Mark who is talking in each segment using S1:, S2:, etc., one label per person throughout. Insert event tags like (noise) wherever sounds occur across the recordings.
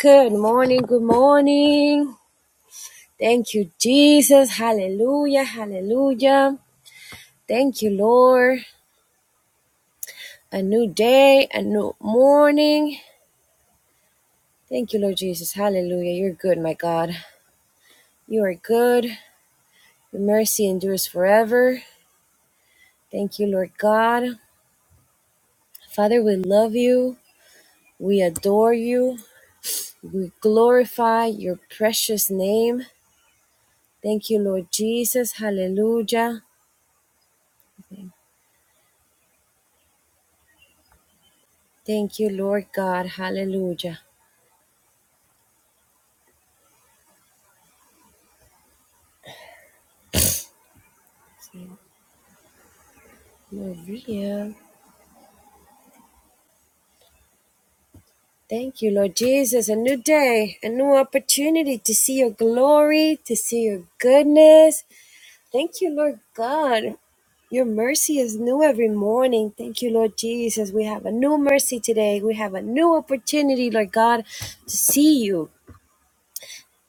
S1: Good morning, good morning. Thank you, Jesus. Hallelujah, hallelujah. Thank you, Lord. A new day, a new morning. Thank you, Lord Jesus. Hallelujah. You're good, my God. You are good. Your mercy endures forever. Thank you, Lord God. Father, we love you. We adore you. We glorify your precious name. Thank you, Lord Jesus. Hallelujah. Thank you, Lord God. Hallelujah. Maria. Thank you, Lord Jesus. A new day, a new opportunity to see your glory, to see your goodness. Thank you, Lord God. Your mercy is new every morning. Thank you, Lord Jesus. We have a new mercy today. We have a new opportunity, Lord God, to see you,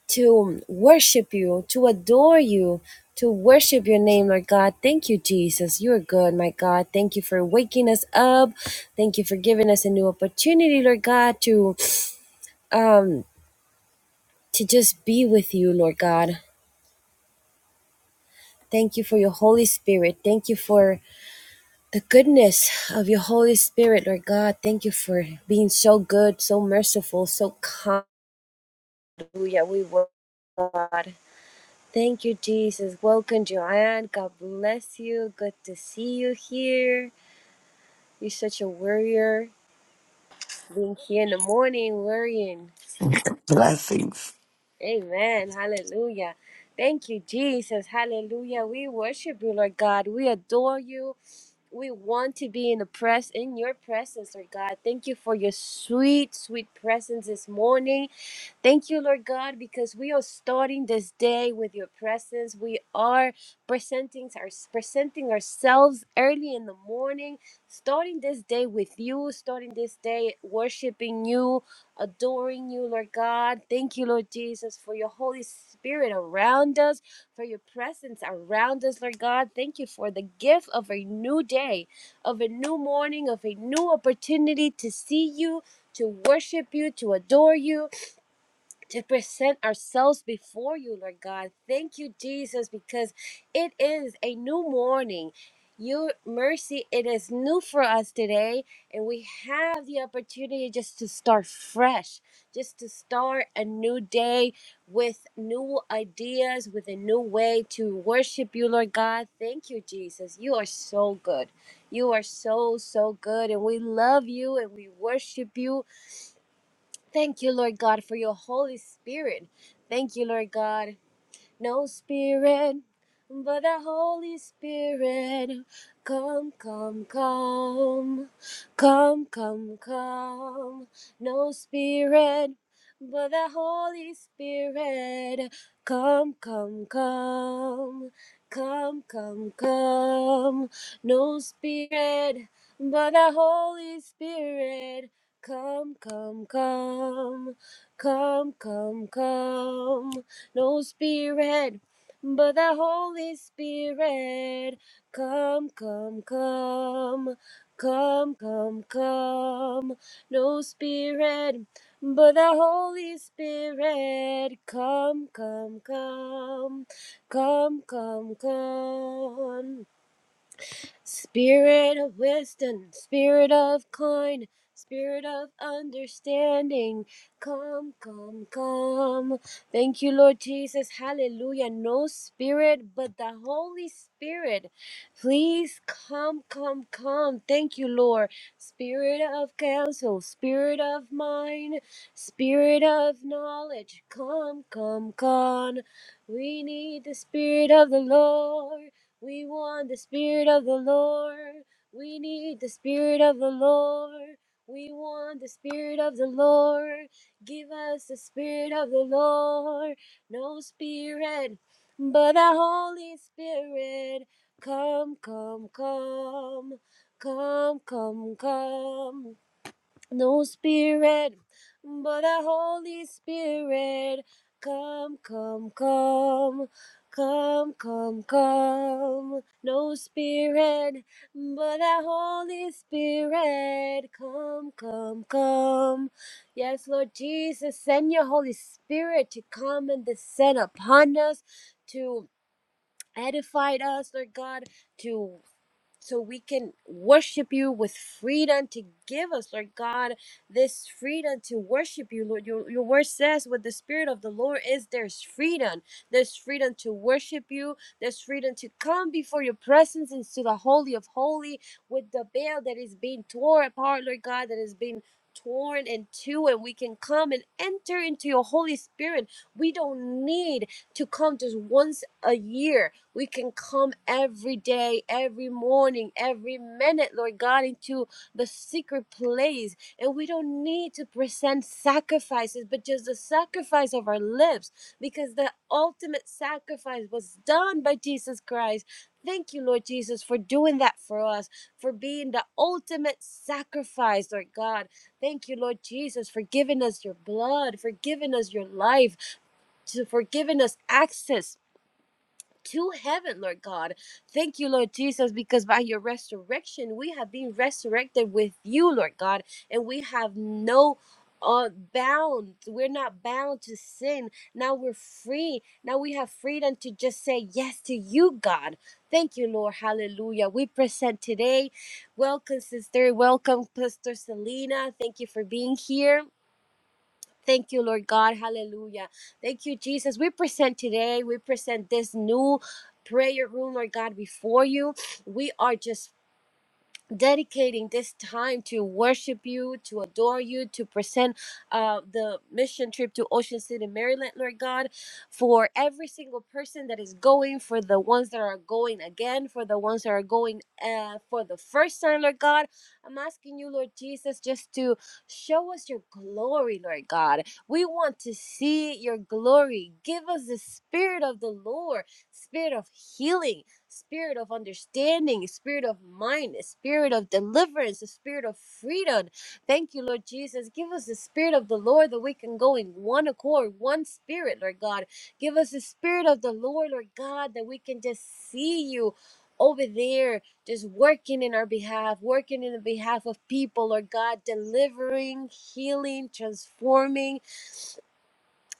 S1: to worship you, to adore you, to worship your name, Lord God. Thank you, Jesus. You are good, my God. Thank you for waking us up. Thank you for giving us a new opportunity, Lord God, to um, to just be with you, Lord God. Thank you for your Holy Spirit. Thank you for the goodness of your Holy Spirit, Lord God. Thank you for being so good, so merciful, so kind. Hallelujah. We worship you, God. Thank you, Jesus. Welcome, Joanne. God bless you. Good to see you here. You're such a warrior. Being here in the morning, worrying.
S2: (laughs) Blessings.
S1: Amen. Hallelujah. Thank you, Jesus. Hallelujah. We worship you, Lord God. We adore you. We want to be in the press in your presence, Lord God. Thank you for your sweet, sweet presence this morning. Thank you, Lord God, because we are starting this day with your presence. We are presenting, our, presenting ourselves early in the morning, starting this day with you, starting this day worshiping you, adoring you, Lord God. Thank you, Lord Jesus, for your Holy Spirit around us, for your presence around us, Lord God. Thank you for the gift of a new day, of a new morning, of a new opportunity to see you, to worship you, to adore you to present ourselves before you, Lord God. Thank you, Jesus, because it is a new morning. Your mercy, it is new for us today, and we have the opportunity just to start fresh, just to start a new day with new ideas, with a new way to worship you, Lord God. Thank you, Jesus. You are so good. You are so, so good, and we love you and we worship you Thank you, Lord God, for your Holy Spirit. Thank you, Lord God, no spirit but the Holy Spirit. Come, come, come, come, come, come, no spirit but the Holy Spirit. Come, come, come, come, come, come, no spirit but the Holy Spirit. Come, come, come, come, come, come no spirit but the Holy Spirit. Come, come, come, come, come, come, no spirit but the Holy Spirit. Come, come, come, come, come, come. Spirit of wisdom, spirit of kind, spirit of understanding, come, come, come. Thank you, Lord Jesus. Hallelujah. No spirit but the Holy Spirit. Please come, come, come. Thank you, Lord. Spirit of counsel, spirit of mind, spirit of knowledge, come, come, come. We need the spirit of the Lord. We want the Spirit of the Lord. We need the Spirit of the Lord. We want the Spirit of the Lord. Give us the Spirit of the Lord. No Spirit, but the Holy Spirit. Come, come, come. Come, come, come. No spirit, but a Holy Spirit. Come, come, come. Come, come, come. No spirit, but a Holy Spirit. Come, come, come. Yes, Lord Jesus, send your Holy Spirit to come and descend upon us, to edify us, Lord God, to so we can worship you with freedom to give us, Lord God, this freedom to worship you, Lord. Your, your word says, "What the Spirit of the Lord is, there's freedom. There's freedom to worship you. There's freedom to come before your presence into the Holy of Holy with the veil that is being torn apart, Lord God, that is being torn in two, and we can come and enter into your Holy Spirit. We don't need to come just once a year we can come every day, every morning, every minute, Lord God, into the secret place. And we don't need to present sacrifices, but just the sacrifice of our lips, because the ultimate sacrifice was done by Jesus Christ. Thank you, Lord Jesus, for doing that for us, for being the ultimate sacrifice, Lord God. Thank you, Lord Jesus, for giving us your blood, for giving us your life, to- for giving us access to heaven, Lord God. Thank you, Lord Jesus, because by your resurrection, we have been resurrected with you, Lord God, and we have no uh, bound. We're not bound to sin. Now we're free. Now we have freedom to just say yes to you, God. Thank you, Lord. Hallelujah. We present today. Welcome, sister. Welcome, Pastor Selena. Thank you for being here. Thank you, Lord God. Hallelujah. Thank you, Jesus. We present today, we present this new prayer room, Lord God, before you. We are just dedicating this time to worship you, to adore you, to present uh, the mission trip to Ocean City, Maryland, Lord God, for every single person that is going, for the ones that are going again, for the ones that are going uh, for the first time, Lord God. I'm asking you, Lord Jesus, just to show us your glory, Lord God. We want to see your glory. Give us the spirit of the Lord, spirit of healing spirit of understanding, spirit of mind, a spirit of deliverance, a spirit of freedom. Thank you, Lord Jesus. Give us the spirit of the Lord that we can go in one accord, one spirit, Lord God. Give us the spirit of the Lord, Lord God, that we can just see you over there, just working in our behalf, working in the behalf of people, Lord God, delivering, healing, transforming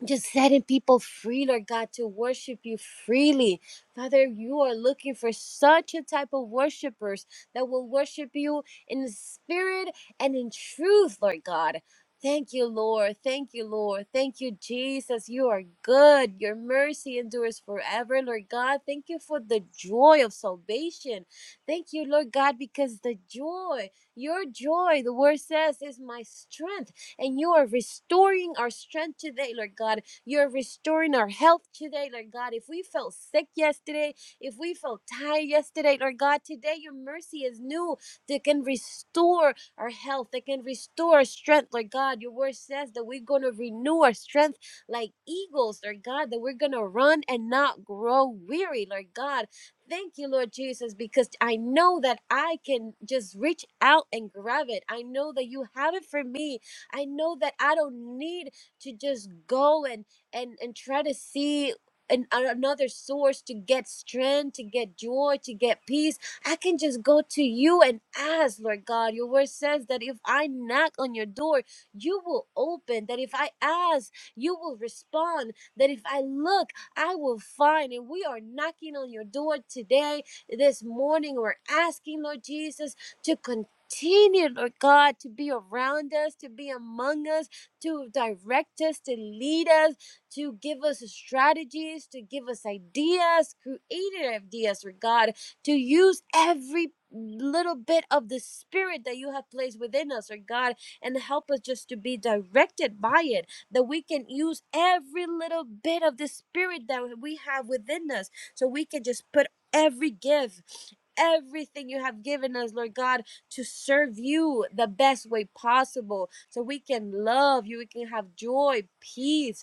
S1: just setting people free, Lord God, to worship you freely. Father, you are looking for such a type of worshipers that will worship you in spirit and in truth, Lord God. Thank you, Lord. Thank you, Lord. Thank you, Jesus. You are good. Your mercy endures forever, Lord God. Thank you for the joy of salvation. Thank you, Lord God, because the joy, your joy, the word says, is my strength. And you are restoring our strength today, Lord God. You're restoring our health today, Lord God. If we felt sick yesterday, if we felt tired yesterday, Lord God, today your mercy is new that can restore our health, that can restore our strength, Lord God. Your word says that we're going to renew our strength like eagles, Lord God, that we're going to run and not grow weary, Lord God. Thank you, Lord Jesus, because I know that I can just reach out and grab it. I know that you have it for me I know that I don't need to just go and and and try to see an, another source to get strength, to get joy, to get peace. I can just go to you and ask, Lord God. Your word says that if I knock on your door, you will open. That if I ask, you will respond. That if I look, I will find. And we are knocking on your door today, this morning. We're asking, Lord Jesus, to continue continue, Lord God, to be around us, to be among us, to direct us, to lead us, to give us strategies, to give us ideas, creative ideas, Lord God, to use every little bit of the spirit that you have placed within us, Lord God, and help us just to be directed by it, that we can use every little bit of the spirit that we have within us, so we can just put every gift everything you have given us, Lord God to serve you the best way possible so we can love you, we can have joy, peace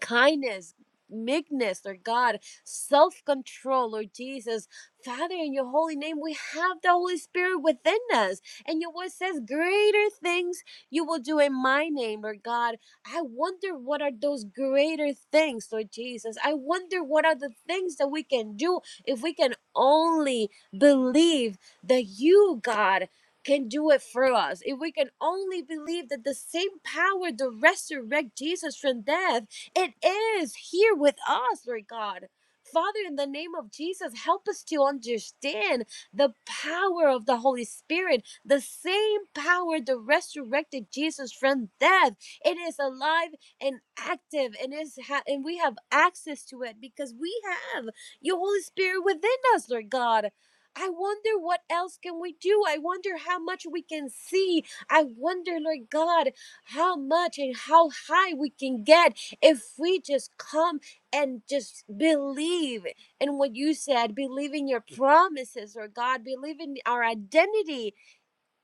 S1: kindness, meekness, Lord God, self control, Lord Jesus. Father, in your holy name, we have the Holy Spirit within us. And your word says, Greater things you will do in my name, Lord God. I wonder what are those greater things, Lord Jesus. I wonder what are the things that we can do if we can only believe that you, God, can do it for us. If we can only believe that the same power that resurrected Jesus from death it is here with us, Lord God. Father, in the name of Jesus, help us to understand the power of the Holy Spirit, the same power that resurrected Jesus from death. It is alive and active, and is ha- and we have access to it because we have your Holy Spirit within us, Lord God. I wonder what else can we do. I wonder how much we can see. I wonder, Lord God, how much and how high we can get if we just come and just believe in what you said, believe in your promises, or God, believe in our identity,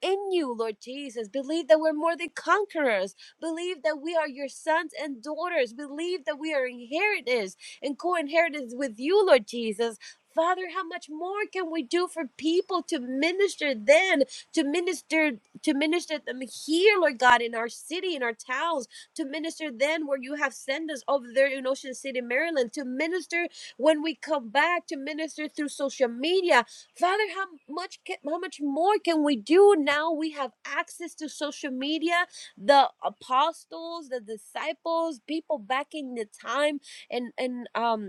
S1: in you, Lord Jesus. Believe that we're more than conquerors. Believe that we are your sons and daughters. Believe that we are inheritors and co inheritors with you, Lord Jesus. Father, how much more can we do for people to minister then, to minister, to minister them here, Lord God, in our city, in our towns, to minister then where you have sent us over there in Ocean City, Maryland, to minister when we come back, to minister through social media, Father, how much can, how much more can we do now? We have access to social media, the apostles, the disciples, people back in the time, and and um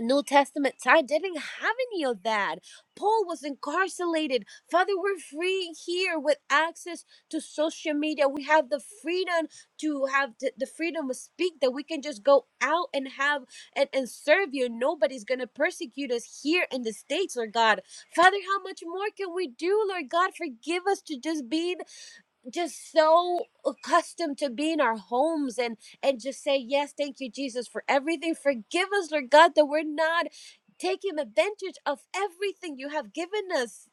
S1: New Testament time didn't have any of that. Paul was incarcerated. Father, we're free here with access to social media. We have the freedom to have th- the freedom to speak that we can just go out and have and, and serve you. Nobody's going to persecute us here in the States, Lord God. Father, how much more can we do, Lord God? Forgive us to just be just so accustomed to being our homes and and just say yes thank you jesus for everything forgive us lord god that we're not taking advantage of everything you have given us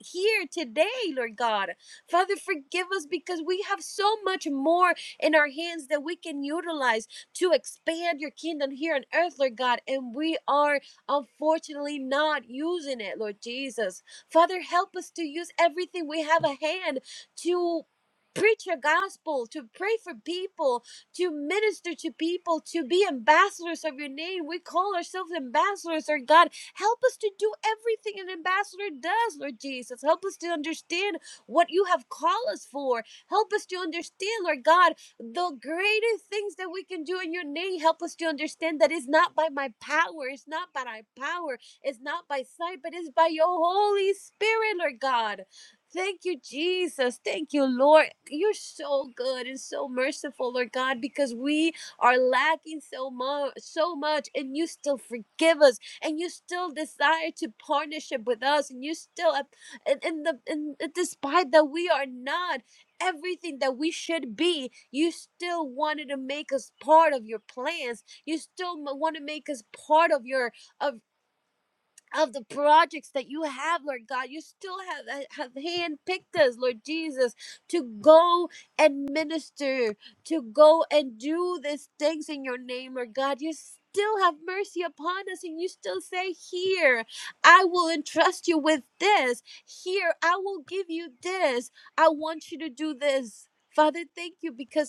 S1: here today, Lord God. Father, forgive us because we have so much more in our hands that we can utilize to expand your kingdom here on earth, Lord God, and we are unfortunately not using it, Lord Jesus. Father, help us to use everything we have a hand to. Preach your gospel, to pray for people, to minister to people, to be ambassadors of your name. We call ourselves ambassadors, Lord God Help us to do everything an ambassador does, Lord Jesus. Help us to understand what you have called us for. Help us to understand, Lord God, the greatest things that we can do in your name. Help us to understand that it's not by my power, it's not by my power, it's not by sight, but it's by your Holy Spirit, Lord God. Thank you, Jesus. Thank you, Lord. You're so good and so merciful, Lord God, because we are lacking so much, so much, and you still forgive us and you still desire to partnership with us and you still have- and in the and despite that we are not everything that we should be you still wanted to make us part of your plans you still want to make us part of your of of the projects that you have, Lord God. You still have, have handpicked us, Lord Jesus, to go and minister, to go and do these things in your name, Lord God. You still have mercy upon us, and you still say, Here, I will entrust you with this. Here, I will give you this. I want you to do this. Father, thank you because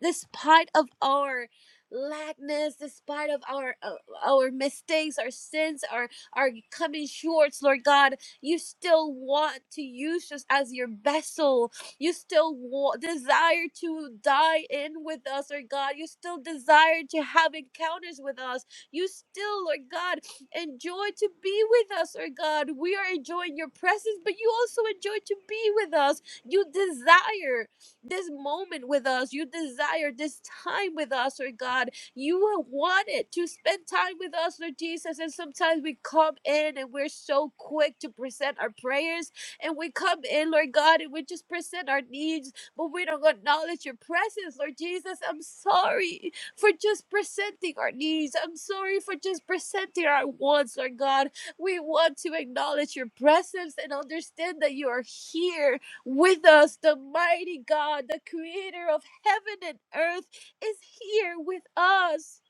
S1: despite of our lackness despite of our uh, our mistakes our sins our our coming shorts lord god you still want to use us as your vessel you still wa- desire to die in with us lord god you still desire to have encounters with us you still lord god enjoy to be with us lord god we are enjoying your presence but you also enjoy to be with us you desire this moment with us. You desire this time with us, Lord God. You wanted to spend time with us, Lord Jesus. And sometimes we come in and we're so quick to present our prayers. And we come in, Lord God, and we just present our needs, but we don't acknowledge your presence, Lord Jesus. I'm sorry for just presenting our needs. I'm sorry for just presenting our wants, Lord God. We want to acknowledge your presence and understand that you are here with us, the mighty God, the creator of heaven and earth, is here with us,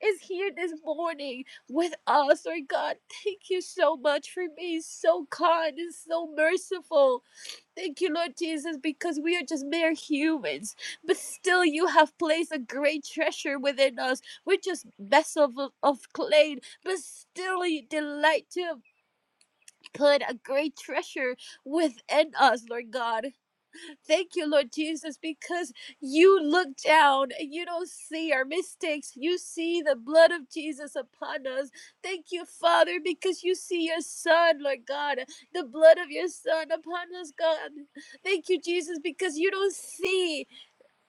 S1: is here this morning with us. Lord God, thank you so much for being so kind and so merciful. Thank you, Lord Jesus, because we are just mere humans, but still you have placed a great treasure within us. We're just vessels of, of clay, but still you delight to have put a great treasure within us, Lord God. Thank you, Lord Jesus, because you look down and you don't see our mistakes. You see the blood of Jesus upon us. Thank you, Father, because you see your Son, Lord God, the blood of your Son upon us, God. Thank you, Jesus, because you don't see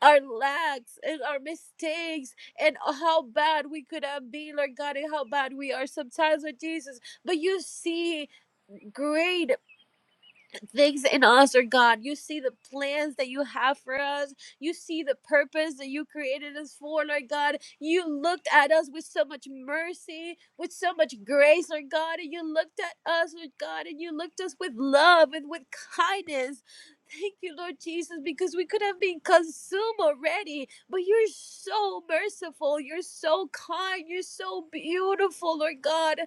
S1: our lacks and our mistakes and how bad we could have been, Lord God, and how bad we are sometimes, Lord Jesus. But you see great things in us, or God. You see the plans that you have for us. You see the purpose that you created us for, Lord God. You looked at us with so much mercy, with so much grace, Lord God. And you looked at us, Lord God, and you looked us with love and with kindness. Thank you, Lord Jesus, because we could have been consumed already, but you're so merciful. You're so kind. You're so beautiful, Lord God.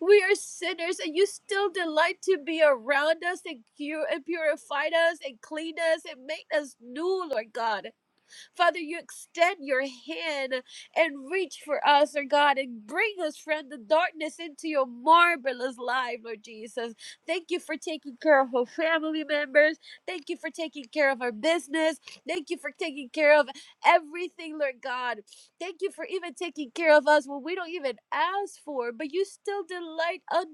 S1: We are sinners, and you still delight to be around us and cure and purify us and clean us and make us new, Lord God. Father, you extend your hand and reach for us, Lord God, and bring us from the darkness into your marvelous life, Lord Jesus. Thank you for taking care of our family members. Thank you for taking care of our business. Thank you for taking care of everything, Lord God. Thank you for even taking care of us when we don't even ask for, but you still delight on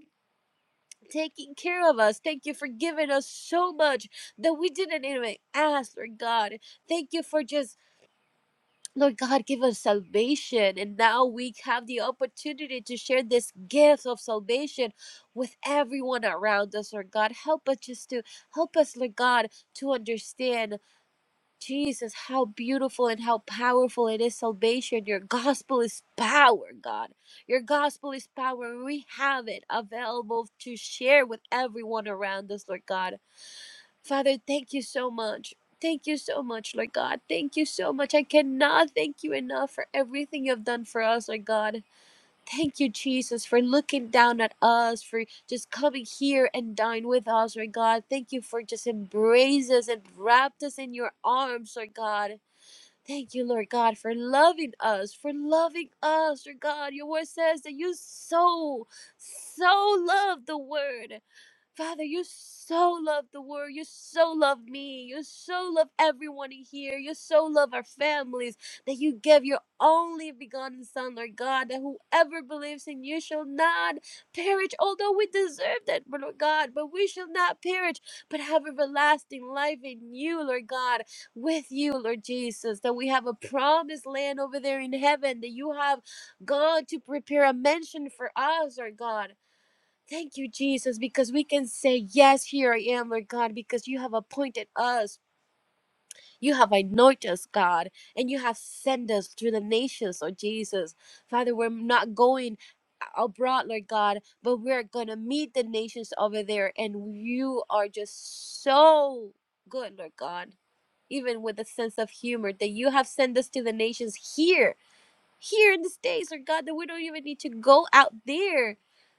S1: taking care of us. Thank you for giving us so much that we didn't even ask, Lord God. Thank you for just Lord God, give us salvation. And now we have the opportunity to share this gift of salvation with everyone around us, Lord God. Help us just to help us, Lord God, to understand, Jesus, how beautiful and how powerful it is salvation. Your gospel is power, God. Your gospel is power. and We have it available to share with everyone around us, Lord God. Father, thank you so much. Thank you so much, Lord God. Thank you so much. I cannot thank you enough for everything you've done for us, Lord God. Thank you, Jesus, for looking down at us, for just coming here and dine with us, Lord God. Thank you for just embrace us and wrapped us in your arms, Lord God. Thank you, Lord God, for loving us, for loving us, Lord God. Your word says that you so, so love the word. Father, you so love the world. You so love me. You so love everyone in here. You so love our families that you give your only begotten Son, Lord God, that whoever believes in you shall not perish, although we deserve that, but Lord God, but we shall not perish, but have everlasting life in you, Lord God, with you, Lord Jesus, that we have a promised land over there in heaven, that you have gone to prepare a mansion for us, Lord God Thank you, Jesus, because we can say, Yes, here I am, Lord God, because you have appointed us. You have anointed us, God, and you have sent us through the nations, Lord Jesus. Father, we're not going abroad, Lord God, but we're going to meet the nations over there, and you are just so good, Lord God. Even with a sense of humor, that you have sent us to the nations here here in the States, Lord God, that we don't even need to go out there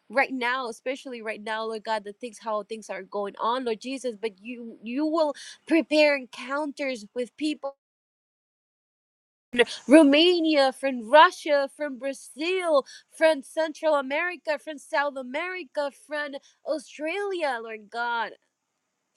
S1: right now, especially right now, Lord God, the things how things are going on, Lord Jesus, but you you will prepare encounters with people Romania, from Russia, from Brazil, from Central America, from South America, from Australia, Lord God.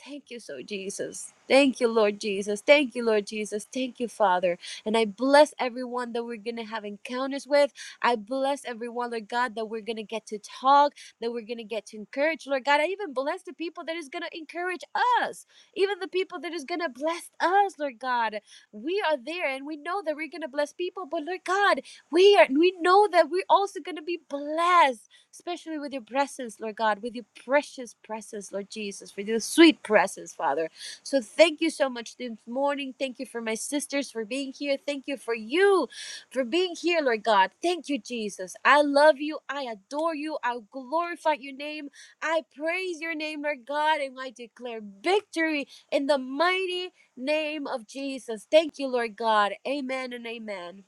S1: Thank you, so Jesus. Thank you, Lord Jesus. Thank you, Lord Jesus. Thank you, Father. And I bless everyone that we're going to have encounters with. I bless everyone, Lord God, that we're going to get to talk, that we're going to get to encourage. Lord God, I even bless the people that is going to encourage us, even the people that is going to bless us, Lord God. We are there and we know that we're going to bless people, but Lord God, we are we know that we're also going to be blessed especially with your presence, Lord God, with your precious presence, Lord Jesus, with your sweet presence, Father. So thank you so much this morning. Thank you for my sisters for being here. Thank you for you for being here, Lord God. Thank you, Jesus. I love you. I adore you. I glorify your name. I praise your name, Lord God, and I declare victory in the mighty name of Jesus. Thank you, Lord God. Amen and amen.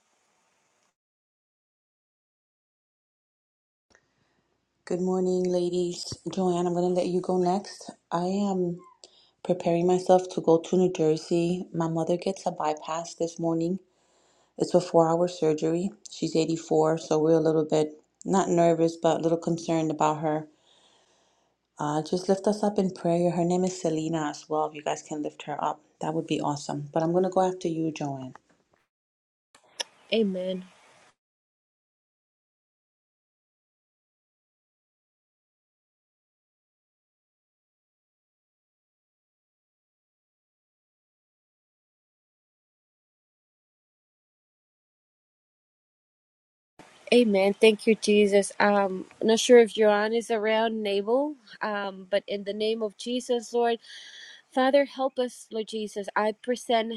S3: Good morning, ladies. Joanne, I'm going to let you go next. I am preparing myself to go to New Jersey. My mother gets a bypass this morning. It's a four hour surgery. She's 84, so we're a little bit not nervous, but a little concerned about her. Uh, just lift us up in prayer. Her name is Selena as well. If you guys can lift her up, that would be awesome. But I'm going to go after you, Joanne.
S1: Amen. Amen. Thank you, Jesus. Um, not sure if Joanne is around and able, um, but in the name of Jesus, Lord, Father, help us, Lord Jesus. I present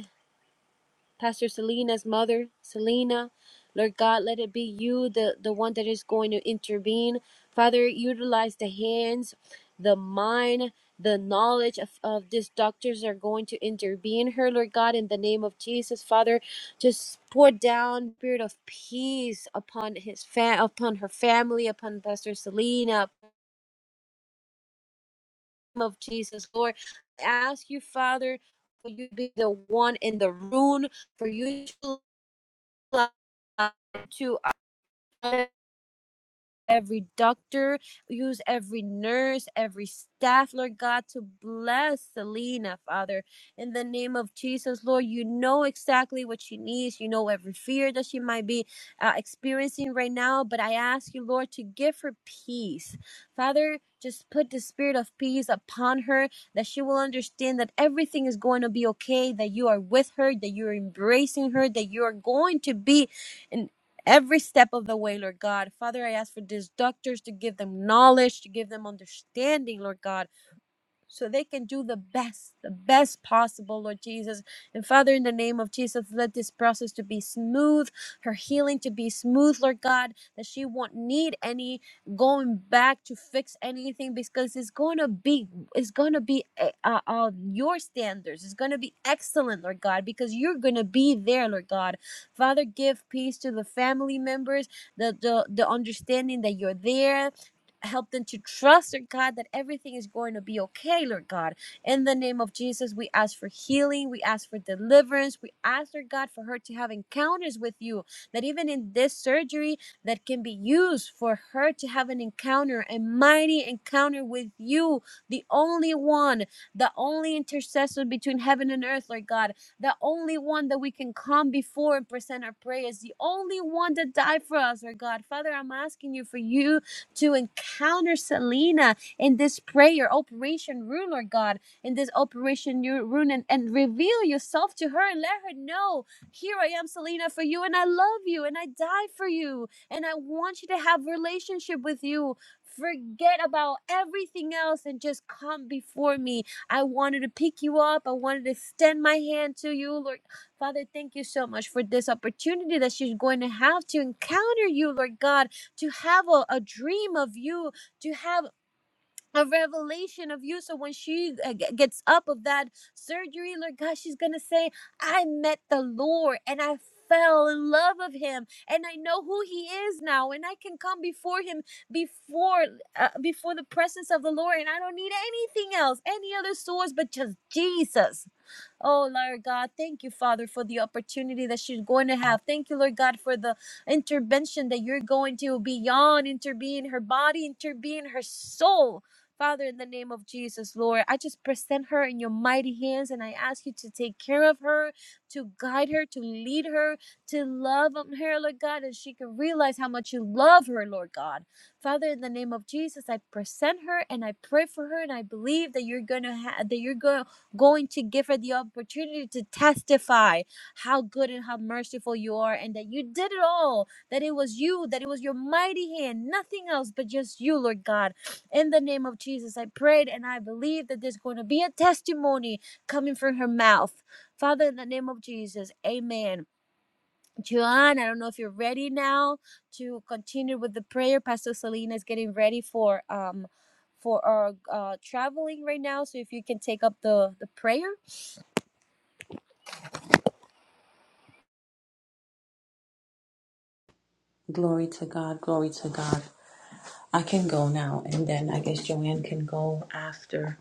S1: Pastor Selena's mother, Selena. Lord God, let it be you, the, the one that is going to intervene. Father, utilize the hands, the mind, the knowledge of, of these doctors that are going to intervene her, Lord God, in the name of Jesus. Father, just pour down spirit of peace upon his fam upon her family, upon Pastor Selena, upon of Jesus, Lord. I ask you, Father, for you to be the one in the room, for you to to every doctor, use every nurse, every staff, Lord God, to bless Selena, Father. In the name of Jesus, Lord, you know exactly what she needs. You know every fear that she might be uh, experiencing right now. But I ask you, Lord, to give her peace. Father, just put the spirit of peace upon her that she will understand that everything is going to be okay, that you are with her, that you're embracing her, that you are going to be every step of the way, Lord God. Father, I ask for these doctors to give them knowledge, to give them understanding, Lord God so they can do the best the best possible lord jesus and father in the name of jesus let this process to be smooth her healing to be smooth lord god that she won't need any going back to fix anything because it's going to be it's going to be uh, uh, uh, your standards it's going to be excellent lord god because you're going to be there lord god father give peace to the family members the, the the understanding that you're there Help them to trust, Lord God, that everything is going to be okay, Lord God. In the name of Jesus, we ask for healing. We ask for deliverance. We ask, Lord God, for her to have encounters with you. That even in this surgery, that can be used for her to have an encounter, a mighty encounter with you, the only one, the only intercessor between heaven and earth, Lord God, the only one that we can come before and present our prayers, the only one that died for us, Lord God. Father, I'm asking you for you to encounter Selena in this prayer, Operation Rune, Lord God, in this Operation Ru- Rune, and, and reveal yourself to her and let her know, here I am, Selena, for you, and I love you, and I die for you, and I want you to have relationship with you. Forget about everything else and just come before me. I wanted to pick you up. I wanted to extend my hand to you, Lord. Father, thank you so much for this opportunity that she's going to have to encounter you, Lord God to have a, a dream of you to have a revelation of you so when she uh, g- gets up of that surgery lord god she's gonna say i met the lord and i fell in love of him and i know who he is now and i can come before him before uh, before the presence of the lord and i don't need anything else any other source but just jesus Oh, Lord God, thank you, Father, for the opportunity that she's going to have. Thank you, Lord God, for the intervention that you're going to beyond intervene her body, intervene her soul. Father, in the name of Jesus, Lord, I just present her in your mighty hands and I ask you to take care of her, to guide her, to lead her, to love on her, Lord God, and she can realize how much you love her, Lord God. Father, in the name of Jesus, I present her and I pray for her and I believe that you're gonna have that you're gonna going to give her the opportunity to testify how good and how merciful you are and that you did it all that it was you that it was your mighty hand nothing else but just you lord god in the name of jesus i prayed and i believe that there's going to be a testimony coming from her mouth father in the name of jesus amen Joanne, I don't know if you're ready now to continue with the prayer. Pastor Selena is getting ready for um for our uh, traveling right now. So if you can take up the the prayer.
S3: Glory to God, glory to God. I can go now, and then I guess Joanne can go after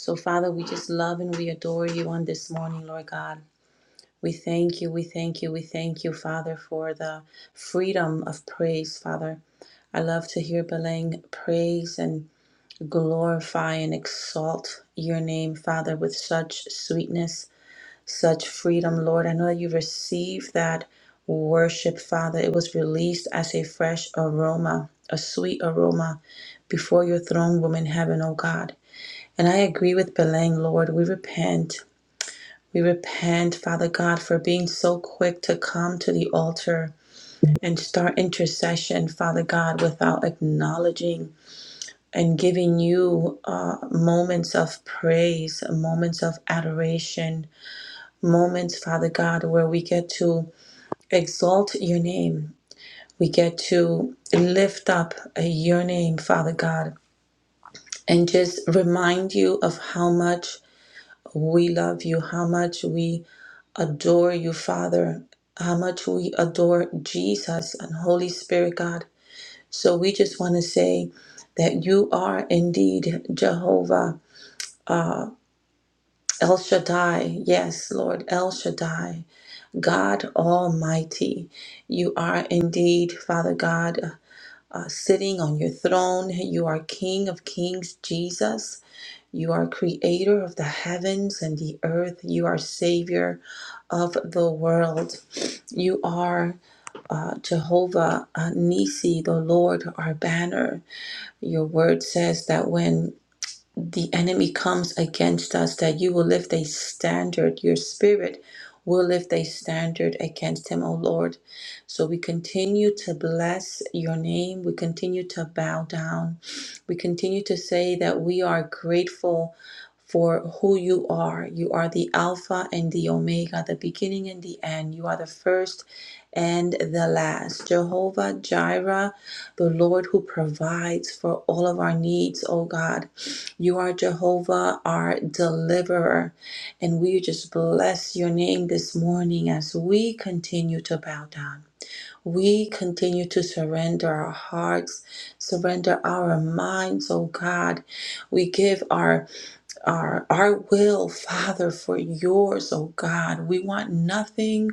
S3: So, Father, we just love and we adore you on this morning, Lord God. We thank you, we thank you, we thank you, Father, for the freedom of praise, Father. I love to hear Belang praise and glorify and exalt your name, Father, with such sweetness, such freedom, Lord. I know that you received that worship, Father. It was released as a fresh aroma, a sweet aroma before your throne room in heaven, O God. And I agree with Belang, Lord. We repent. We repent, Father God, for being so quick to come to the altar and start intercession, Father God, without acknowledging and giving you uh, moments of praise, moments of adoration, moments, Father God, where we get to exalt your name. We get to lift up uh, your name, Father God, and just remind you of how much we love you, how much we adore you, Father, how much we adore Jesus and Holy Spirit, God. So we just want to say that you are indeed Jehovah uh, El Shaddai. Yes, Lord, El Shaddai, God Almighty. You are indeed, Father God, uh, sitting on your throne. You are King of Kings, Jesus. You are creator of the heavens and the earth. You are Savior of the world. You are. uh, Jehovah uh, Nisi, the Lord, our banner. Your word says that when the enemy comes against us, that you will lift a standard, your spirit will lift a standard against him, O Lord. So we continue to bless your name. We continue to bow down. We continue to say that we are grateful for who you are. You are the Alpha and the Omega, the beginning and the end. You are the first and the last. Jehovah Jireh, the Lord who provides for all of our needs, O God. You are Jehovah, our deliverer. And we just bless your name this morning as we continue to bow down. We continue to surrender our hearts, surrender our minds, oh God. We give our our our will, Father, for yours, oh God. We want nothing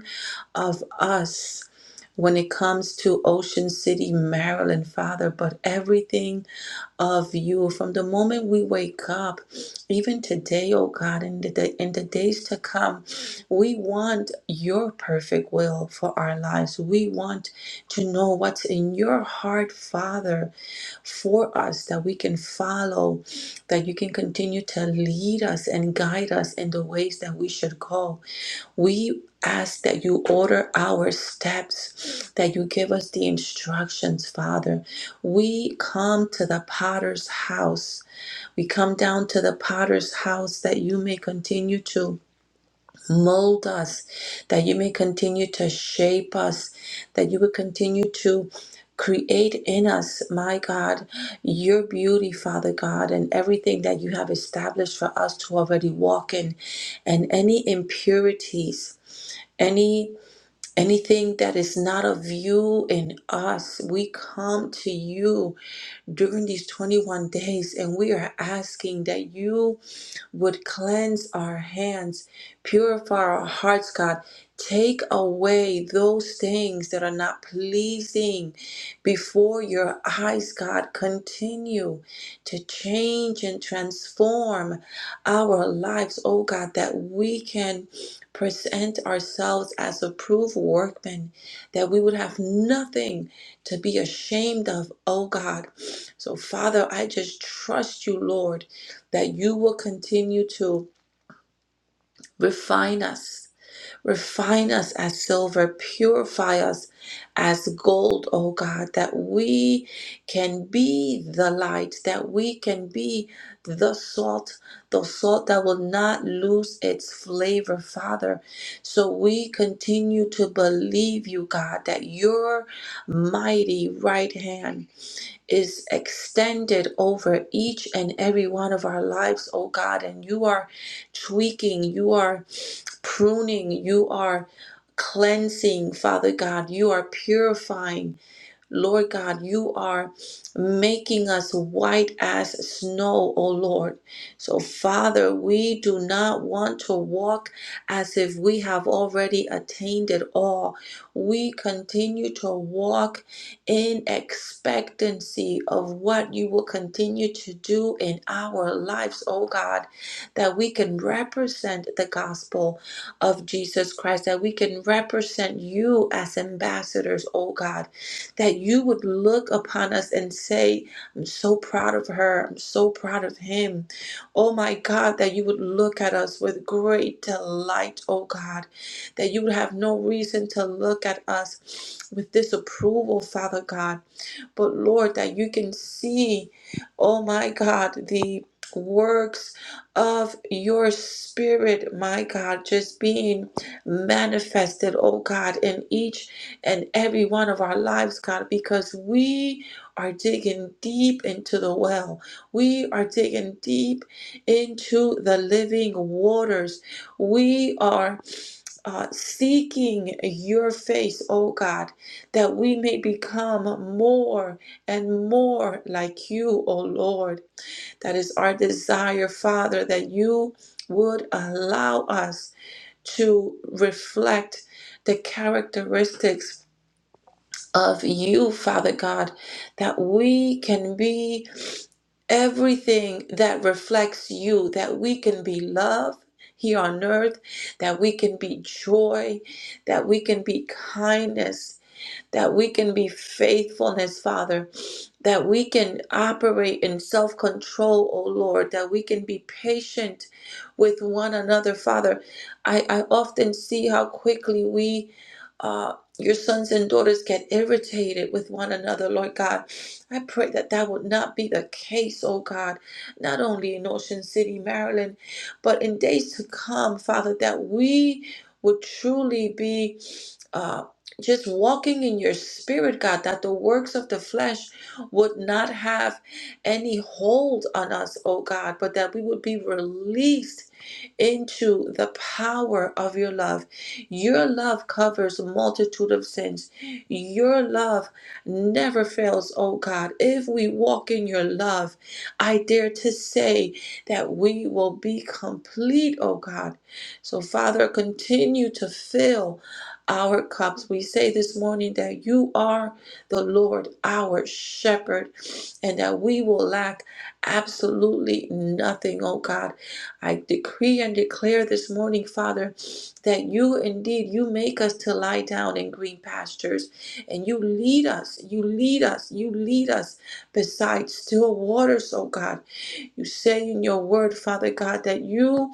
S3: of us when it comes to Ocean City, Maryland, Father, but everything of you from the moment we wake up, even today, oh God, in the day, in the days to come. We want your perfect will for our lives. We want to know what's in your heart, Father, for us that we can follow, that you can continue to lead us and guide us in the ways that we should go. We ask that you order our steps, that you give us the instructions, Father. We come to the potter's house. We come down to the potter's house that you may continue to mold us, that you may continue to shape us, that you would continue to create in us, my God, your beauty, Father God, and everything that you have established for us to already walk in, and any impurities any anything that is not of you in us we come to you during these 21 days and we are asking that you would cleanse our hands, purify our hearts, God. Take away those things that are not pleasing before your eyes, God. Continue to change and transform our lives, oh God, that we can present ourselves as approved workmen, that we would have nothing to be ashamed of, oh God. So, Father, I just trust you, Lord that you will continue to refine us, refine us as silver, purify us as gold, oh God, that we can be the light, that we can be the salt, the salt that will not lose its flavor, Father. So we continue to believe you, God, that your mighty right hand is extended over each and every one of our lives, oh God. And you are tweaking, you are pruning, you are cleansing, Father God. You are purifying. Lord God, you are making us white as snow, O Lord. So, Father, we do not want to walk as if we have already attained it all. We continue to walk in expectancy of what you will continue to do in our lives, O God, that we can represent the gospel of Jesus Christ, that we can represent you as ambassadors, O God that you would look upon us and say, I'm so proud of her. I'm so proud of him. Oh my God, that you would look at us with great delight, oh God, that you would have no reason to look at us with disapproval, Father God but Lord, that you can see, oh my God, the works of your spirit, my God, just being manifested, oh God, in each and every one of our lives, God, because we are digging deep into the well. We are digging deep into the living waters. We are uh, seeking your face, oh God, that we may become more and more like you, oh Lord. That is our desire, Father, that you would allow us to reflect the characteristics of you, Father God, that we can be everything that reflects you, that we can be love here on earth, that we can be joy, that we can be kindness, that we can be faithfulness, Father that we can operate in self control, O Lord, that we can be patient with one another. Father, I, I often see how quickly we, uh, your sons and daughters, get irritated with one another, Lord God. I pray that that would not be the case, O God, not only in Ocean City, Maryland, but in days to come, Father, that we would truly be uh, just walking in your spirit, God, that the works of the flesh would not have any hold on us, oh God, but that we would be released into the power of your love. Your love covers a multitude of sins. Your love never fails, oh God. If we walk in your love, I dare to say that we will be complete, oh God. So, Father, continue to fill our cups. We say this morning that you are the Lord, our shepherd, and that we will lack absolutely nothing, oh God. I decree and declare this morning, Father, that you indeed, you make us to lie down in green pastures, and you lead us, you lead us, you lead us beside still waters, oh God. You say in your word, Father God, that you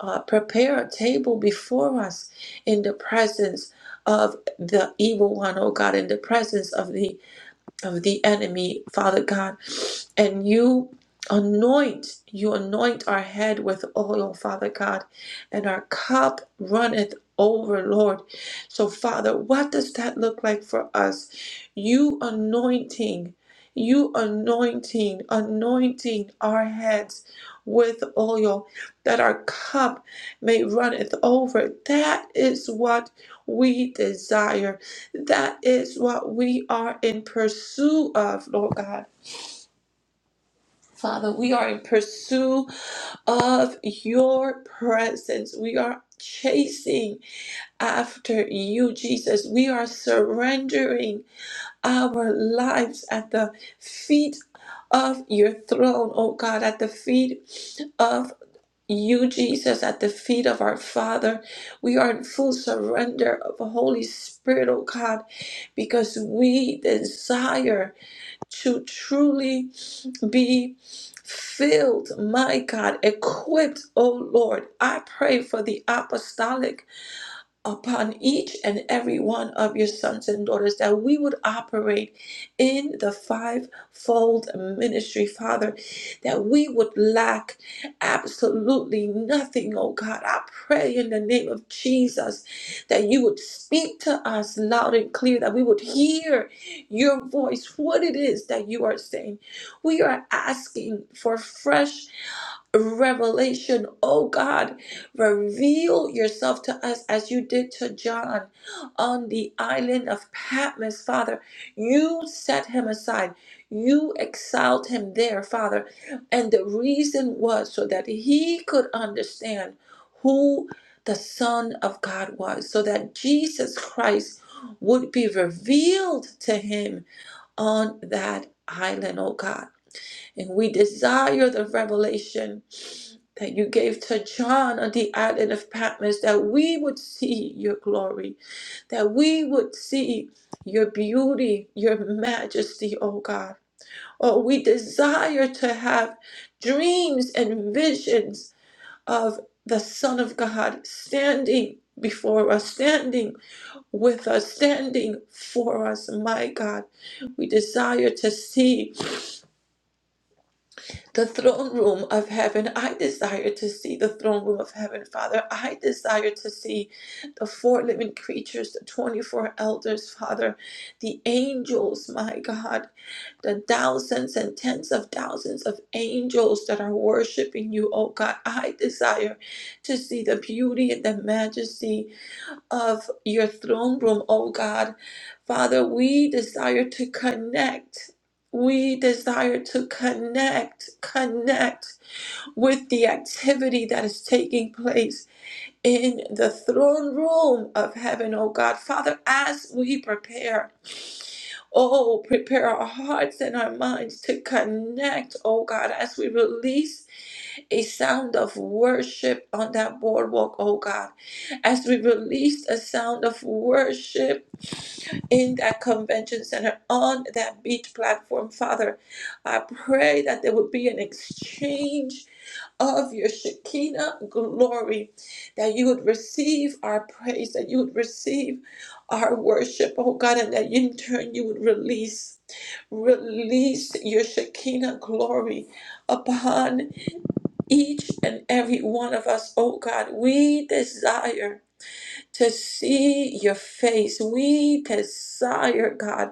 S3: uh, prepare a table before us in the presence of the evil one, oh God, in the presence of the of the enemy, Father God. And you anoint, you anoint our head with oil, Father God, and our cup runneth over, Lord. So, Father, what does that look like for us? You anointing. You anointing, anointing our heads with oil, that our cup may runneth over. That is what we desire. That is what we are in pursuit of, Lord God. Father, we are in pursuit of your presence. We are chasing after you, Jesus. We are surrendering our lives at the feet of your throne, oh God, at the feet of. you, Jesus, at the feet of our Father. We are in full surrender of the Holy Spirit, oh God, because we desire to truly be filled, my God, equipped, oh Lord. I pray for the apostolic upon each and every one of your sons and daughters that we would operate in the fivefold ministry, Father, that we would lack absolutely nothing, oh God. I pray in the name of Jesus that you would speak to us loud and clear, that we would hear your voice, what it is that you are saying. We are asking for fresh revelation. Oh God, reveal yourself to us as you did to John on the island of Patmos, Father. You set him aside, you exiled him there, Father. And the reason was so that he could understand who the Son of God was, so that Jesus Christ would be revealed to him on that island, oh God. And we desire the revelation that you gave to John on the island of Patmos, that we would see your glory, that we would see your beauty, your majesty, oh God. Oh, we desire to have dreams and visions of the Son of God standing before us, standing with us, standing for us, my God. We desire to see. the throne room of heaven. I desire to see the throne room of heaven, Father. I desire to see the four living creatures, the 24 elders, Father, the angels, my God, the thousands and tens of thousands of angels that are worshiping you, oh God. I desire to see the beauty and the majesty of your throne room, oh God. Father, we desire to connect. We desire to connect, connect with the activity that is taking place in the throne room of heaven, oh God. Father, as we prepare, oh, prepare our hearts and our minds to connect, oh God, as we release a sound of worship on that boardwalk, oh God. As we released a sound of worship in that convention center, on that beach platform, Father, I pray that there would be an exchange of your Shekinah glory, that you would receive our praise, that you would receive our worship, oh God, and that in turn you would release. Release your Shekinah glory upon each and every one of us, oh God. We desire to see your face. We desire, God,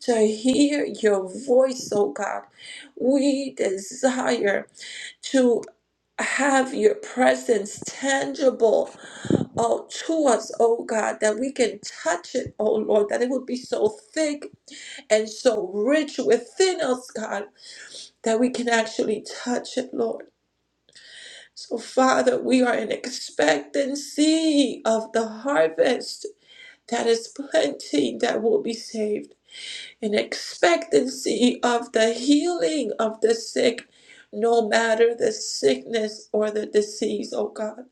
S3: to hear your voice, oh God. We desire to have your presence tangible oh, to us, oh God, that we can touch it, oh Lord, that it would be so thick and so rich within us, God, that we can actually touch it, Lord. So, Father, we are in expectancy of the harvest that is plenty that will be saved, in expectancy of the healing of the sick, no matter the sickness or the disease, oh God,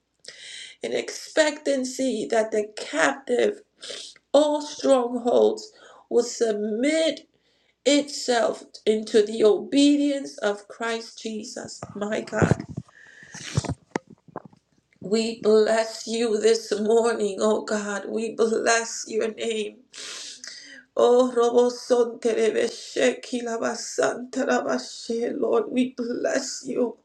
S3: in expectancy that the captive, all strongholds, will submit itself into the obedience of Christ Jesus, my God. We bless you this morning, oh God. We bless your name. Oh, Robosonterebeshe Lord, we bless you.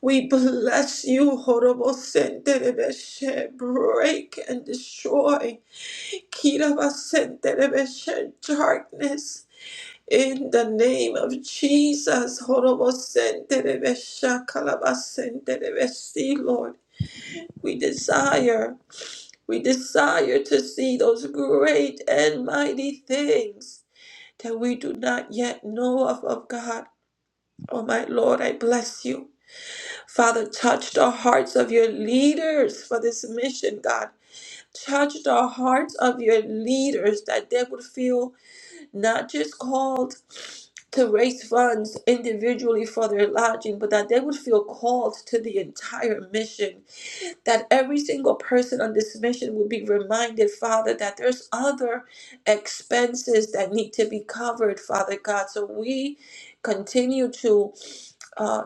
S3: We bless you, horobosente Horobosenterebeshe. Break and destroy Kirabasenterebeshe darkness. In the name of Jesus, horobosente Horobosenterebeshe Kalabasenterebesi, Lord, we desire. We desire to see those great and mighty things that we do not yet know of, of God. Oh, my Lord, I bless you. Father, touch the hearts of your leaders for this mission, God. Touch the hearts of your leaders that they would feel not just called to raise funds individually for their lodging, but that they would feel called to the entire mission that every single person on this mission will be reminded, Father, that there's other expenses that need to be covered, Father God. So we continue to uh,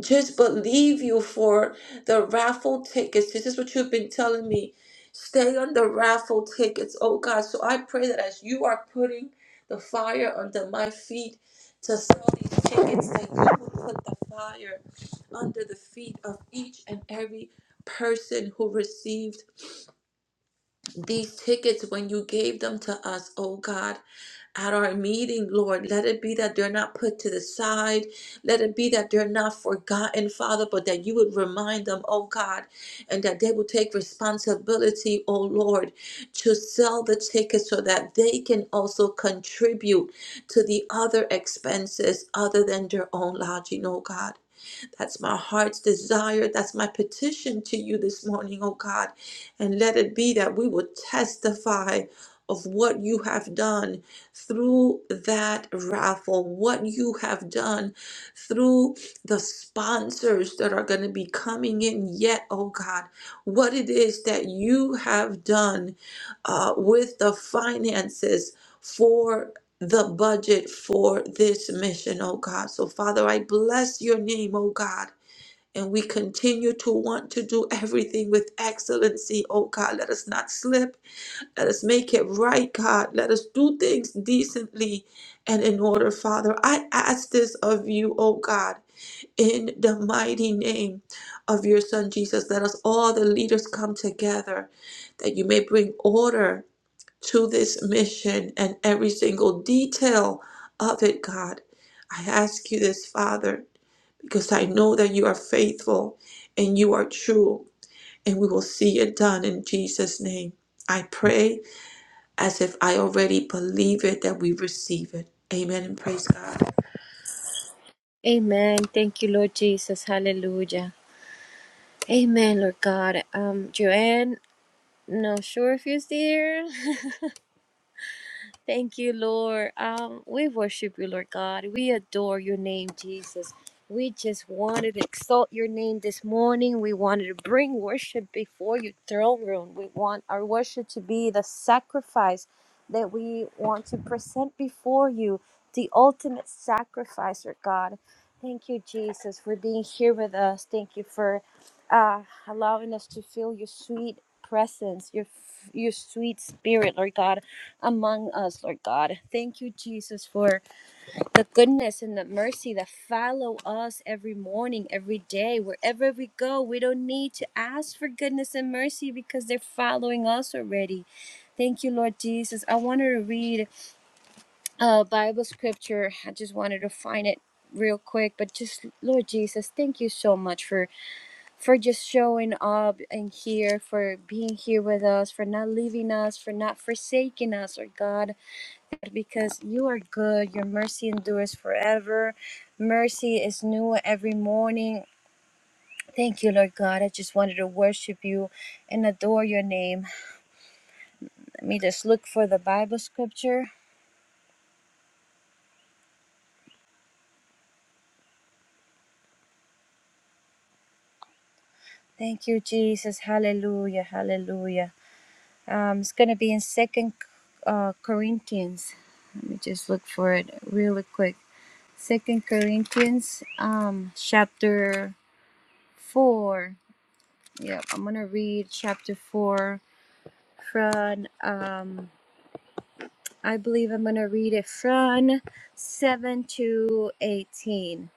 S3: just believe you for the raffle tickets. This is what you've been telling me. Stay on the raffle tickets, oh God. So I pray that as you are putting the fire under my feet to sell these tickets, that you will put the fire under the feet of each and every person who received these tickets when you gave them to us, oh God at our meeting, Lord. Let it be that they're not put to the side. Let it be that they're not forgotten, Father, but that you would remind them, oh God, and that they will take responsibility, oh Lord, to sell the tickets so that they can also contribute to the other expenses other than their own lodging, oh God. That's my heart's desire. That's my petition to you this morning, oh God. And let it be that we will testify of what you have done through that raffle, what you have done through the sponsors that are going to be coming in yet, oh God, what it is that you have done uh, with the finances. For the budget for this mission, oh God. So, Father, I bless your name, oh God. And we continue to want to do everything with excellency, oh God. Let us not slip. Let us make it right, God. Let us do things decently and in order, Father. I ask this of you, oh God, in the mighty name of your Son, Jesus. Let us all, the leaders, come together that you may bring order to this mission and every single detail of it, God. I ask you this, Father, because I know that you are faithful and you are true, and we will see it done in Jesus' name. I pray as if I already believe it that we receive it. Amen and praise God.
S1: Amen. Thank you, Lord Jesus. Hallelujah. Amen, Lord God. Um, Joanne, not sure if you're there. Thank you, Lord. Um, we worship you, Lord God. We adore your name, Jesus. We just wanted to exalt your name this morning. We wanted to bring worship before your throne room. We want our worship to be the sacrifice that we want to present before you, the ultimate sacrifice, Lord God. Thank you, Jesus, for being here with us. Thank you for uh, allowing us to feel your sweet presence, your your sweet spirit, Lord God among us, Lord God. Thank you, Jesus, for the goodness and the mercy that follow us every morning, every day, wherever we go. We don't need to ask for goodness and mercy because they're following us already. Thank you, Lord Jesus. I wanted to read a Bible scripture. I just wanted to find it real quick but just lord jesus thank you so much for for just showing up and here for being here with us for not leaving us for not forsaking us Lord god because you are good. Your mercy endures forever. Mercy is new every morning. Thank you, Lord God. I just wanted to worship you and adore your name. Let me just look for the Bible scripture. Thank you, Jesus. Hallelujah. Hallelujah. Um, it's going to be in Second uh, Corinthians. Let me just look for it really quick. Second Corinthians, um, chapter four. Yep, I'm gonna read chapter four from um I believe I'm going to read it from 7 to 18.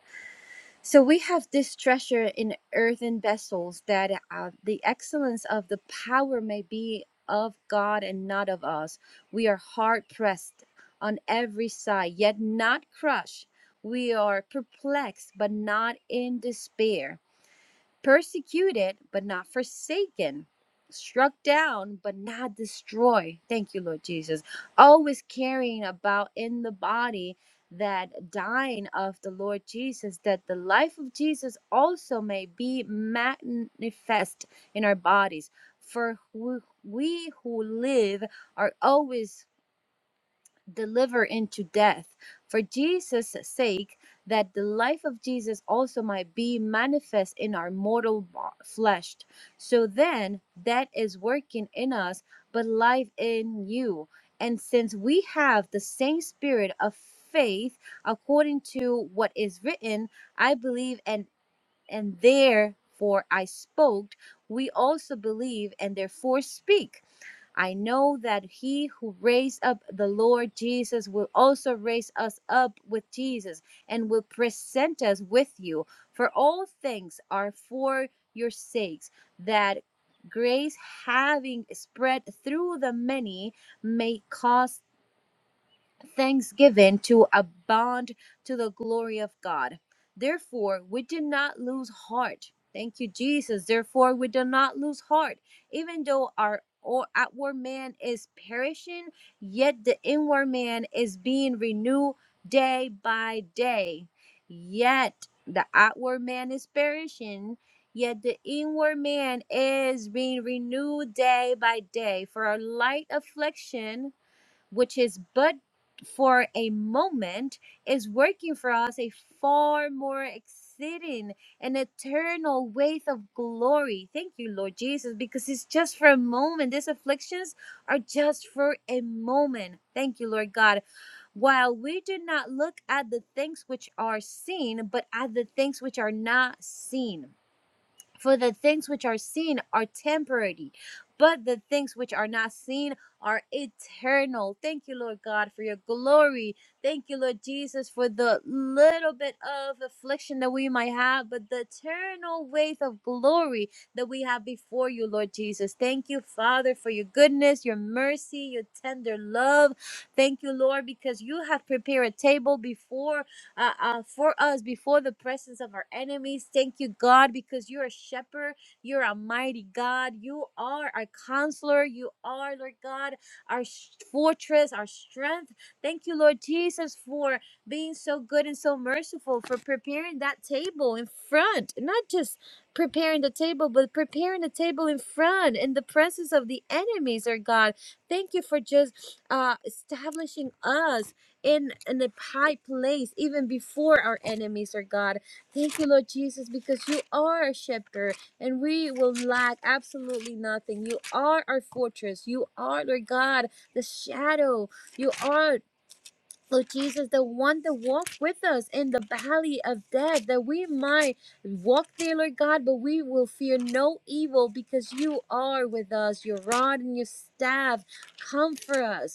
S1: So we have this treasure in earthen vessels that uh, the excellence of the power may be of God and not of us. We are hard pressed on every side, yet not crushed. We are perplexed, but not in despair persecuted but not forsaken, struck down but not destroyed. Thank you, Lord Jesus. Always carrying about in the body that dying of the Lord Jesus, that the life of Jesus also may be manifest in our bodies. For who- we who live are always deliver into death for Jesus' sake, that the life of Jesus also might be manifest in our mortal bo- flesh. So then, that is working in us, but life in you. And since we have the same spirit of faith, according to what is written, I believe and and therefore I spoke. We also believe and therefore speak I know that he who raised up the Lord Jesus will also raise us up with Jesus and will present us with you. For all things are for your sakes, that grace having spread through the many may cause thanksgiving to abound to the glory of God. Therefore, we did not lose heart. Thank you, Jesus. Therefore, we do not lose heart, even though our or outward man is perishing, yet the inward man is being renewed day by day. Yet the outward man is perishing, yet the inward man is being renewed day by day. For our light affliction which is but for a moment, is working for us a far more exceeding and eternal weight of glory. Thank you, Lord Jesus, because it's just for a moment. These afflictions are just for a moment. Thank you, Lord God. While we do not look at the things which are seen, but at the things which are not seen. For the things which are seen are temporary, but the things which are not seen are eternal. Thank you, Lord God, for your glory. Thank you, Lord Jesus, for the little bit of affliction that we might have, but the eternal weight of glory that we have before you, Lord Jesus. Thank you, Father, for your goodness, your mercy, your tender love. Thank you, Lord, because you have prepared a table before uh, uh, for us before the presence of our enemies. Thank you, God, because you're a shepherd. You're a mighty God. You are our counselor. You are, Lord God, our sh- fortress, our strength. Thank you, Lord Jesus, for being so good and so merciful, for preparing that table in front, not just preparing the table, but preparing the table in front in the presence of the enemies, Lord God. Thank you for just uh, establishing us in in a high place even before our enemies are god thank you lord jesus because you are a shepherd and we will lack absolutely nothing you are our fortress you are lord god the shadow you are Lord Jesus, the one that walked with us in the valley of death, that we might walk there, Lord God, but we will fear no evil because you are with us. Your rod and your staff comfort us.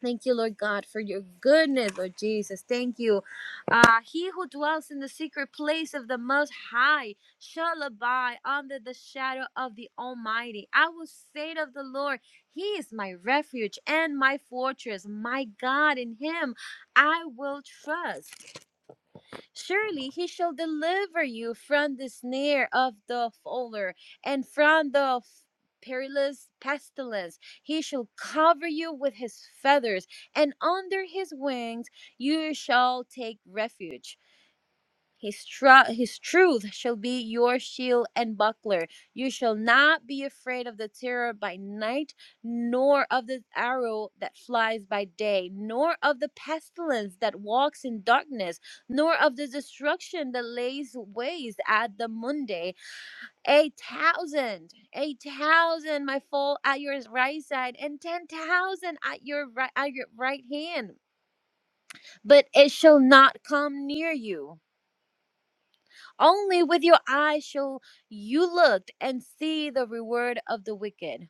S1: Thank you, Lord God, for your goodness, Lord Jesus. Thank you. Uh, he who dwells in the secret place of the Most High shall abide under the shadow of the Almighty. I will say of the Lord, He is my refuge and my fortress, my God. In Him I will trust. Surely he shall deliver you from the snare of the fowler and from the f- perilous pestilence. He shall cover you with his feathers, and under his wings you shall take refuge. His, tru- his truth shall be your shield and buckler. You shall not be afraid of the terror by night, nor of the arrow that flies by day, nor of the pestilence that walks in darkness, nor of the destruction that lays waste at the noonday. A thousand, a thousand might fall at your right side, and ten thousand at your right at your right hand, but it shall not come near you. Only with your eyes shall you look and see the reward of the wicked.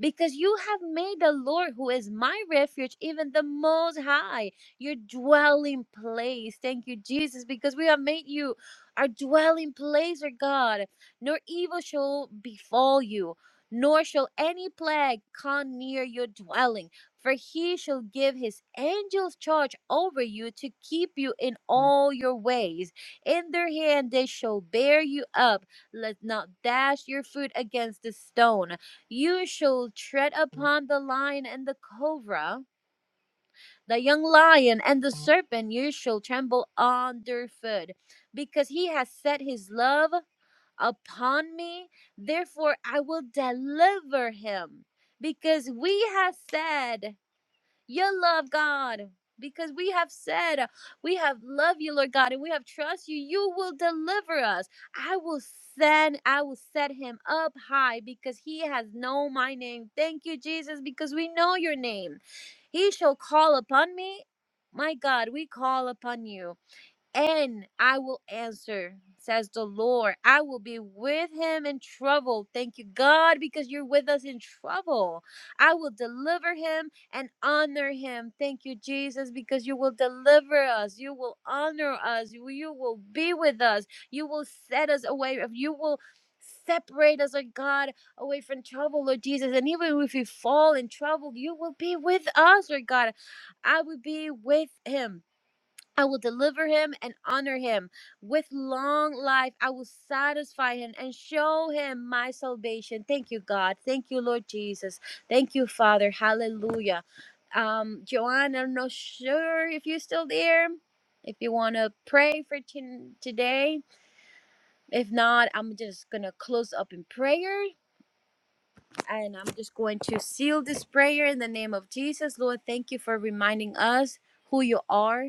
S1: Because you have made the Lord, who is my refuge, even the Most High, your dwelling place. Thank you, Jesus, because we have made you our dwelling place, our God. Nor evil shall befall you, nor shall any plague come near your dwelling. For he shall give his angels charge over you to keep you in all your ways. In their hand they shall bear you up. Let not dash your foot against a stone. You shall tread upon the lion and the cobra, the young lion and the serpent. You shall tremble under foot, because he has set his love upon me. Therefore I will deliver him, because we have said. You love God. Because we have said, we have loved you, Lord God, and we have trust you. You will deliver us. I will send, I will set him up high because he has known my name. Thank you, Jesus, because we know your name. He shall call upon me. My God, we call upon you and I will answer, says the Lord. I will be with him in trouble. Thank you, God, because you're with us in trouble. I will deliver him and honor him. Thank you, Jesus, because you will deliver us. You will honor us. You you will be with us. You will set us away. You will separate us, Lord God, away from trouble, Lord Jesus. And even if we fall in trouble, you will be with us, Lord God. I will be with him. I will deliver him and honor him. With long life, I will satisfy him and show him my salvation. Thank you, God. Thank you, Lord Jesus. Thank you, Father. Hallelujah. Um, Joanne, I'm not sure if you're still there. If you want to pray for t- today, if not, I'm just going to close up in prayer. And I'm just going to seal this prayer in the name of Jesus. Lord, thank you for reminding us who you are.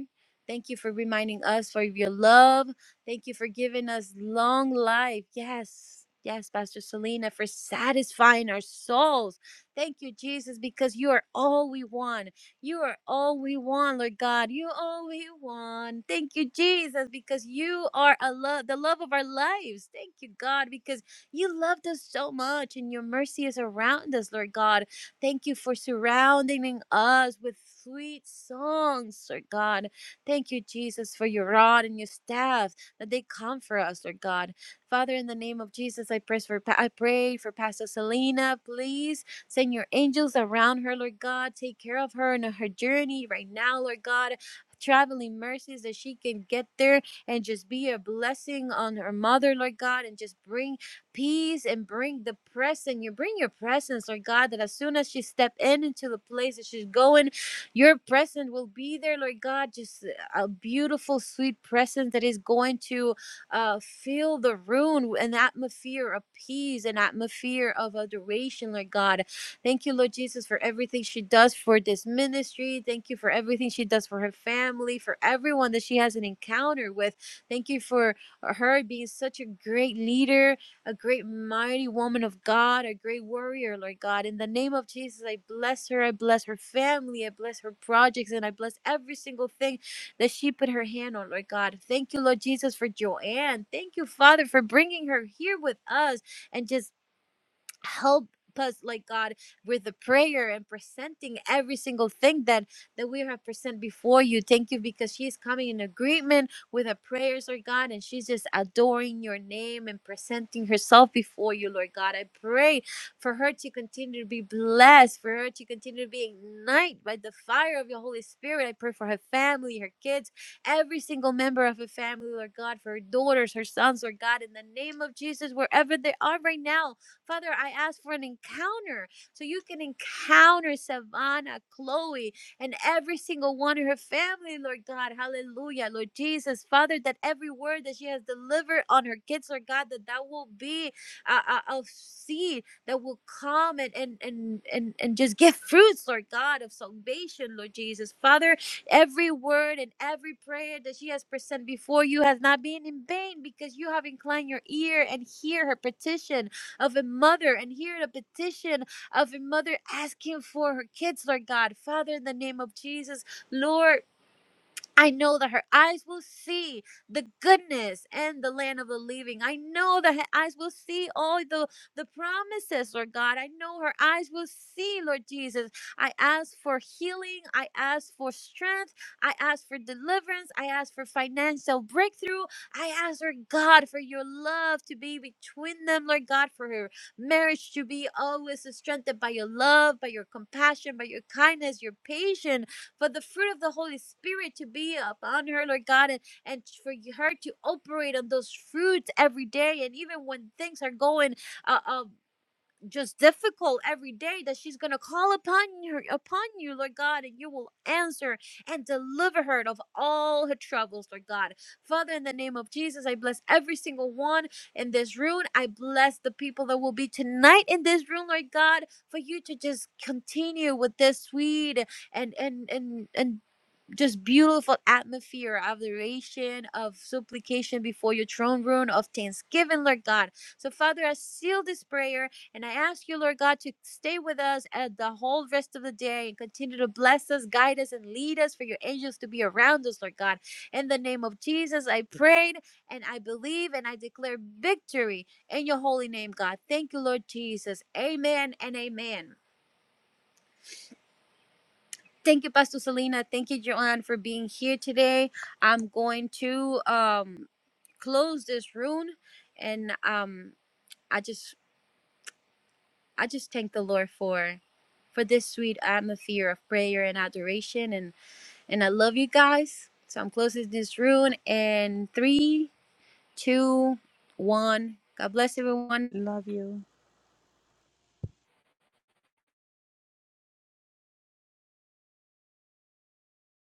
S1: Thank you for reminding us for your love. Thank you for giving us long life. Yes. Yes, Pastor Selena, for satisfying our souls. Thank you, Jesus, because you are all we want. You are all we want, Lord God. You are all we want. Thank you, Jesus, because you are a love, the love of our lives. Thank you, God, because you loved us so much, and your mercy is around us, Lord God. Thank you for surrounding us with sweet songs, Lord God. Thank you, Jesus, for your rod and your staff that they comfort us, Lord God. Father, in the name of Jesus, I pray for I pray for Pastor Selena. Please send your angels around her, Lord God. Take care of her and her journey right now, Lord God. Traveling mercies that she can get there and just be a blessing on her mother, Lord God, and just bring peace and bring the presence. You bring your presence, Lord God, that as soon as she step in into the place that she's going, your presence will be there, Lord God. Just a beautiful, sweet presence that is going to uh, fill the room, an atmosphere of peace, an atmosphere of adoration, Lord God. Thank you, Lord Jesus, for everything she does for this ministry. Thank you for everything she does for her family, for everyone that she has an encounter with. Thank you for her being such a great leader a great mighty woman of God, a great warrior, Lord God. In the name of Jesus, I bless her. I bless her family. I bless her projects. And I bless every single thing that she put her hand on, Lord God. Thank you, Lord Jesus, for Joanne. Thank you, Father, for bringing her here with us and just help us like god with the prayer and presenting every single thing that that we have present before you thank you because she's coming in agreement with her prayers lord god and she's just adoring your name and presenting herself before you lord god i pray for her to continue to be blessed for her to continue to be ignited by the fire of your holy spirit i pray for her family her kids every single member of her family lord god for her daughters her sons lord god in the name of jesus wherever they are right now Father, I ask for an encounter so you can encounter Savannah, Chloe, and every single one of her family, Lord God. Hallelujah, Lord Jesus. Father, that every word that she has delivered on her kids, Lord God, that that will be a, a, a seed that will come and, and, and, and, and just give fruits, Lord God, of salvation, Lord Jesus. Father, every word and every prayer that she has presented before you has not been in vain because you have inclined your ear and hear her petition of a mother and hearing a petition of a mother asking for her kids, Lord God. Father, in the name of Jesus, Lord, I know that her eyes will see the goodness and the land of the living. I know that her eyes will see all the, the promises, Lord God. I know her eyes will see, Lord Jesus. I ask for healing. I ask for strength. I ask for deliverance. I ask for financial breakthrough. I ask, Lord God, for your love to be between them, Lord God, for her marriage to be always strengthened by your love, by your compassion, by your kindness, your patience for the fruit of the Holy Spirit to be upon her, Lord God, and, and for her to operate on those fruits every day. And even when things are going uh. uh, just difficult every day that she's going to call upon her upon you lord god and you will answer and deliver her of all her troubles lord god father in the name of jesus i bless every single one in this room i bless the people that will be tonight in this room lord god for you to just continue with this sweet and and and and just beautiful atmosphere of adoration, of supplication before your throne room, of thanksgiving, Lord God. So, Father, I seal this prayer and I ask you, Lord God, to stay with us at the whole rest of the day and continue to bless us, guide us, and lead us for your angels to be around us, Lord God. In the name of Jesus, I prayed and I believe and I declare victory in your holy name, God. Thank you, Lord Jesus. Amen and amen. Thank you, Pastor Selena. Thank you, Joanne, for being here today. I'm going to um, close this room and um, I just I just thank the Lord for for this sweet atmosphere of prayer and adoration and and I love you guys. So I'm closing this room in three, two, one. God bless everyone.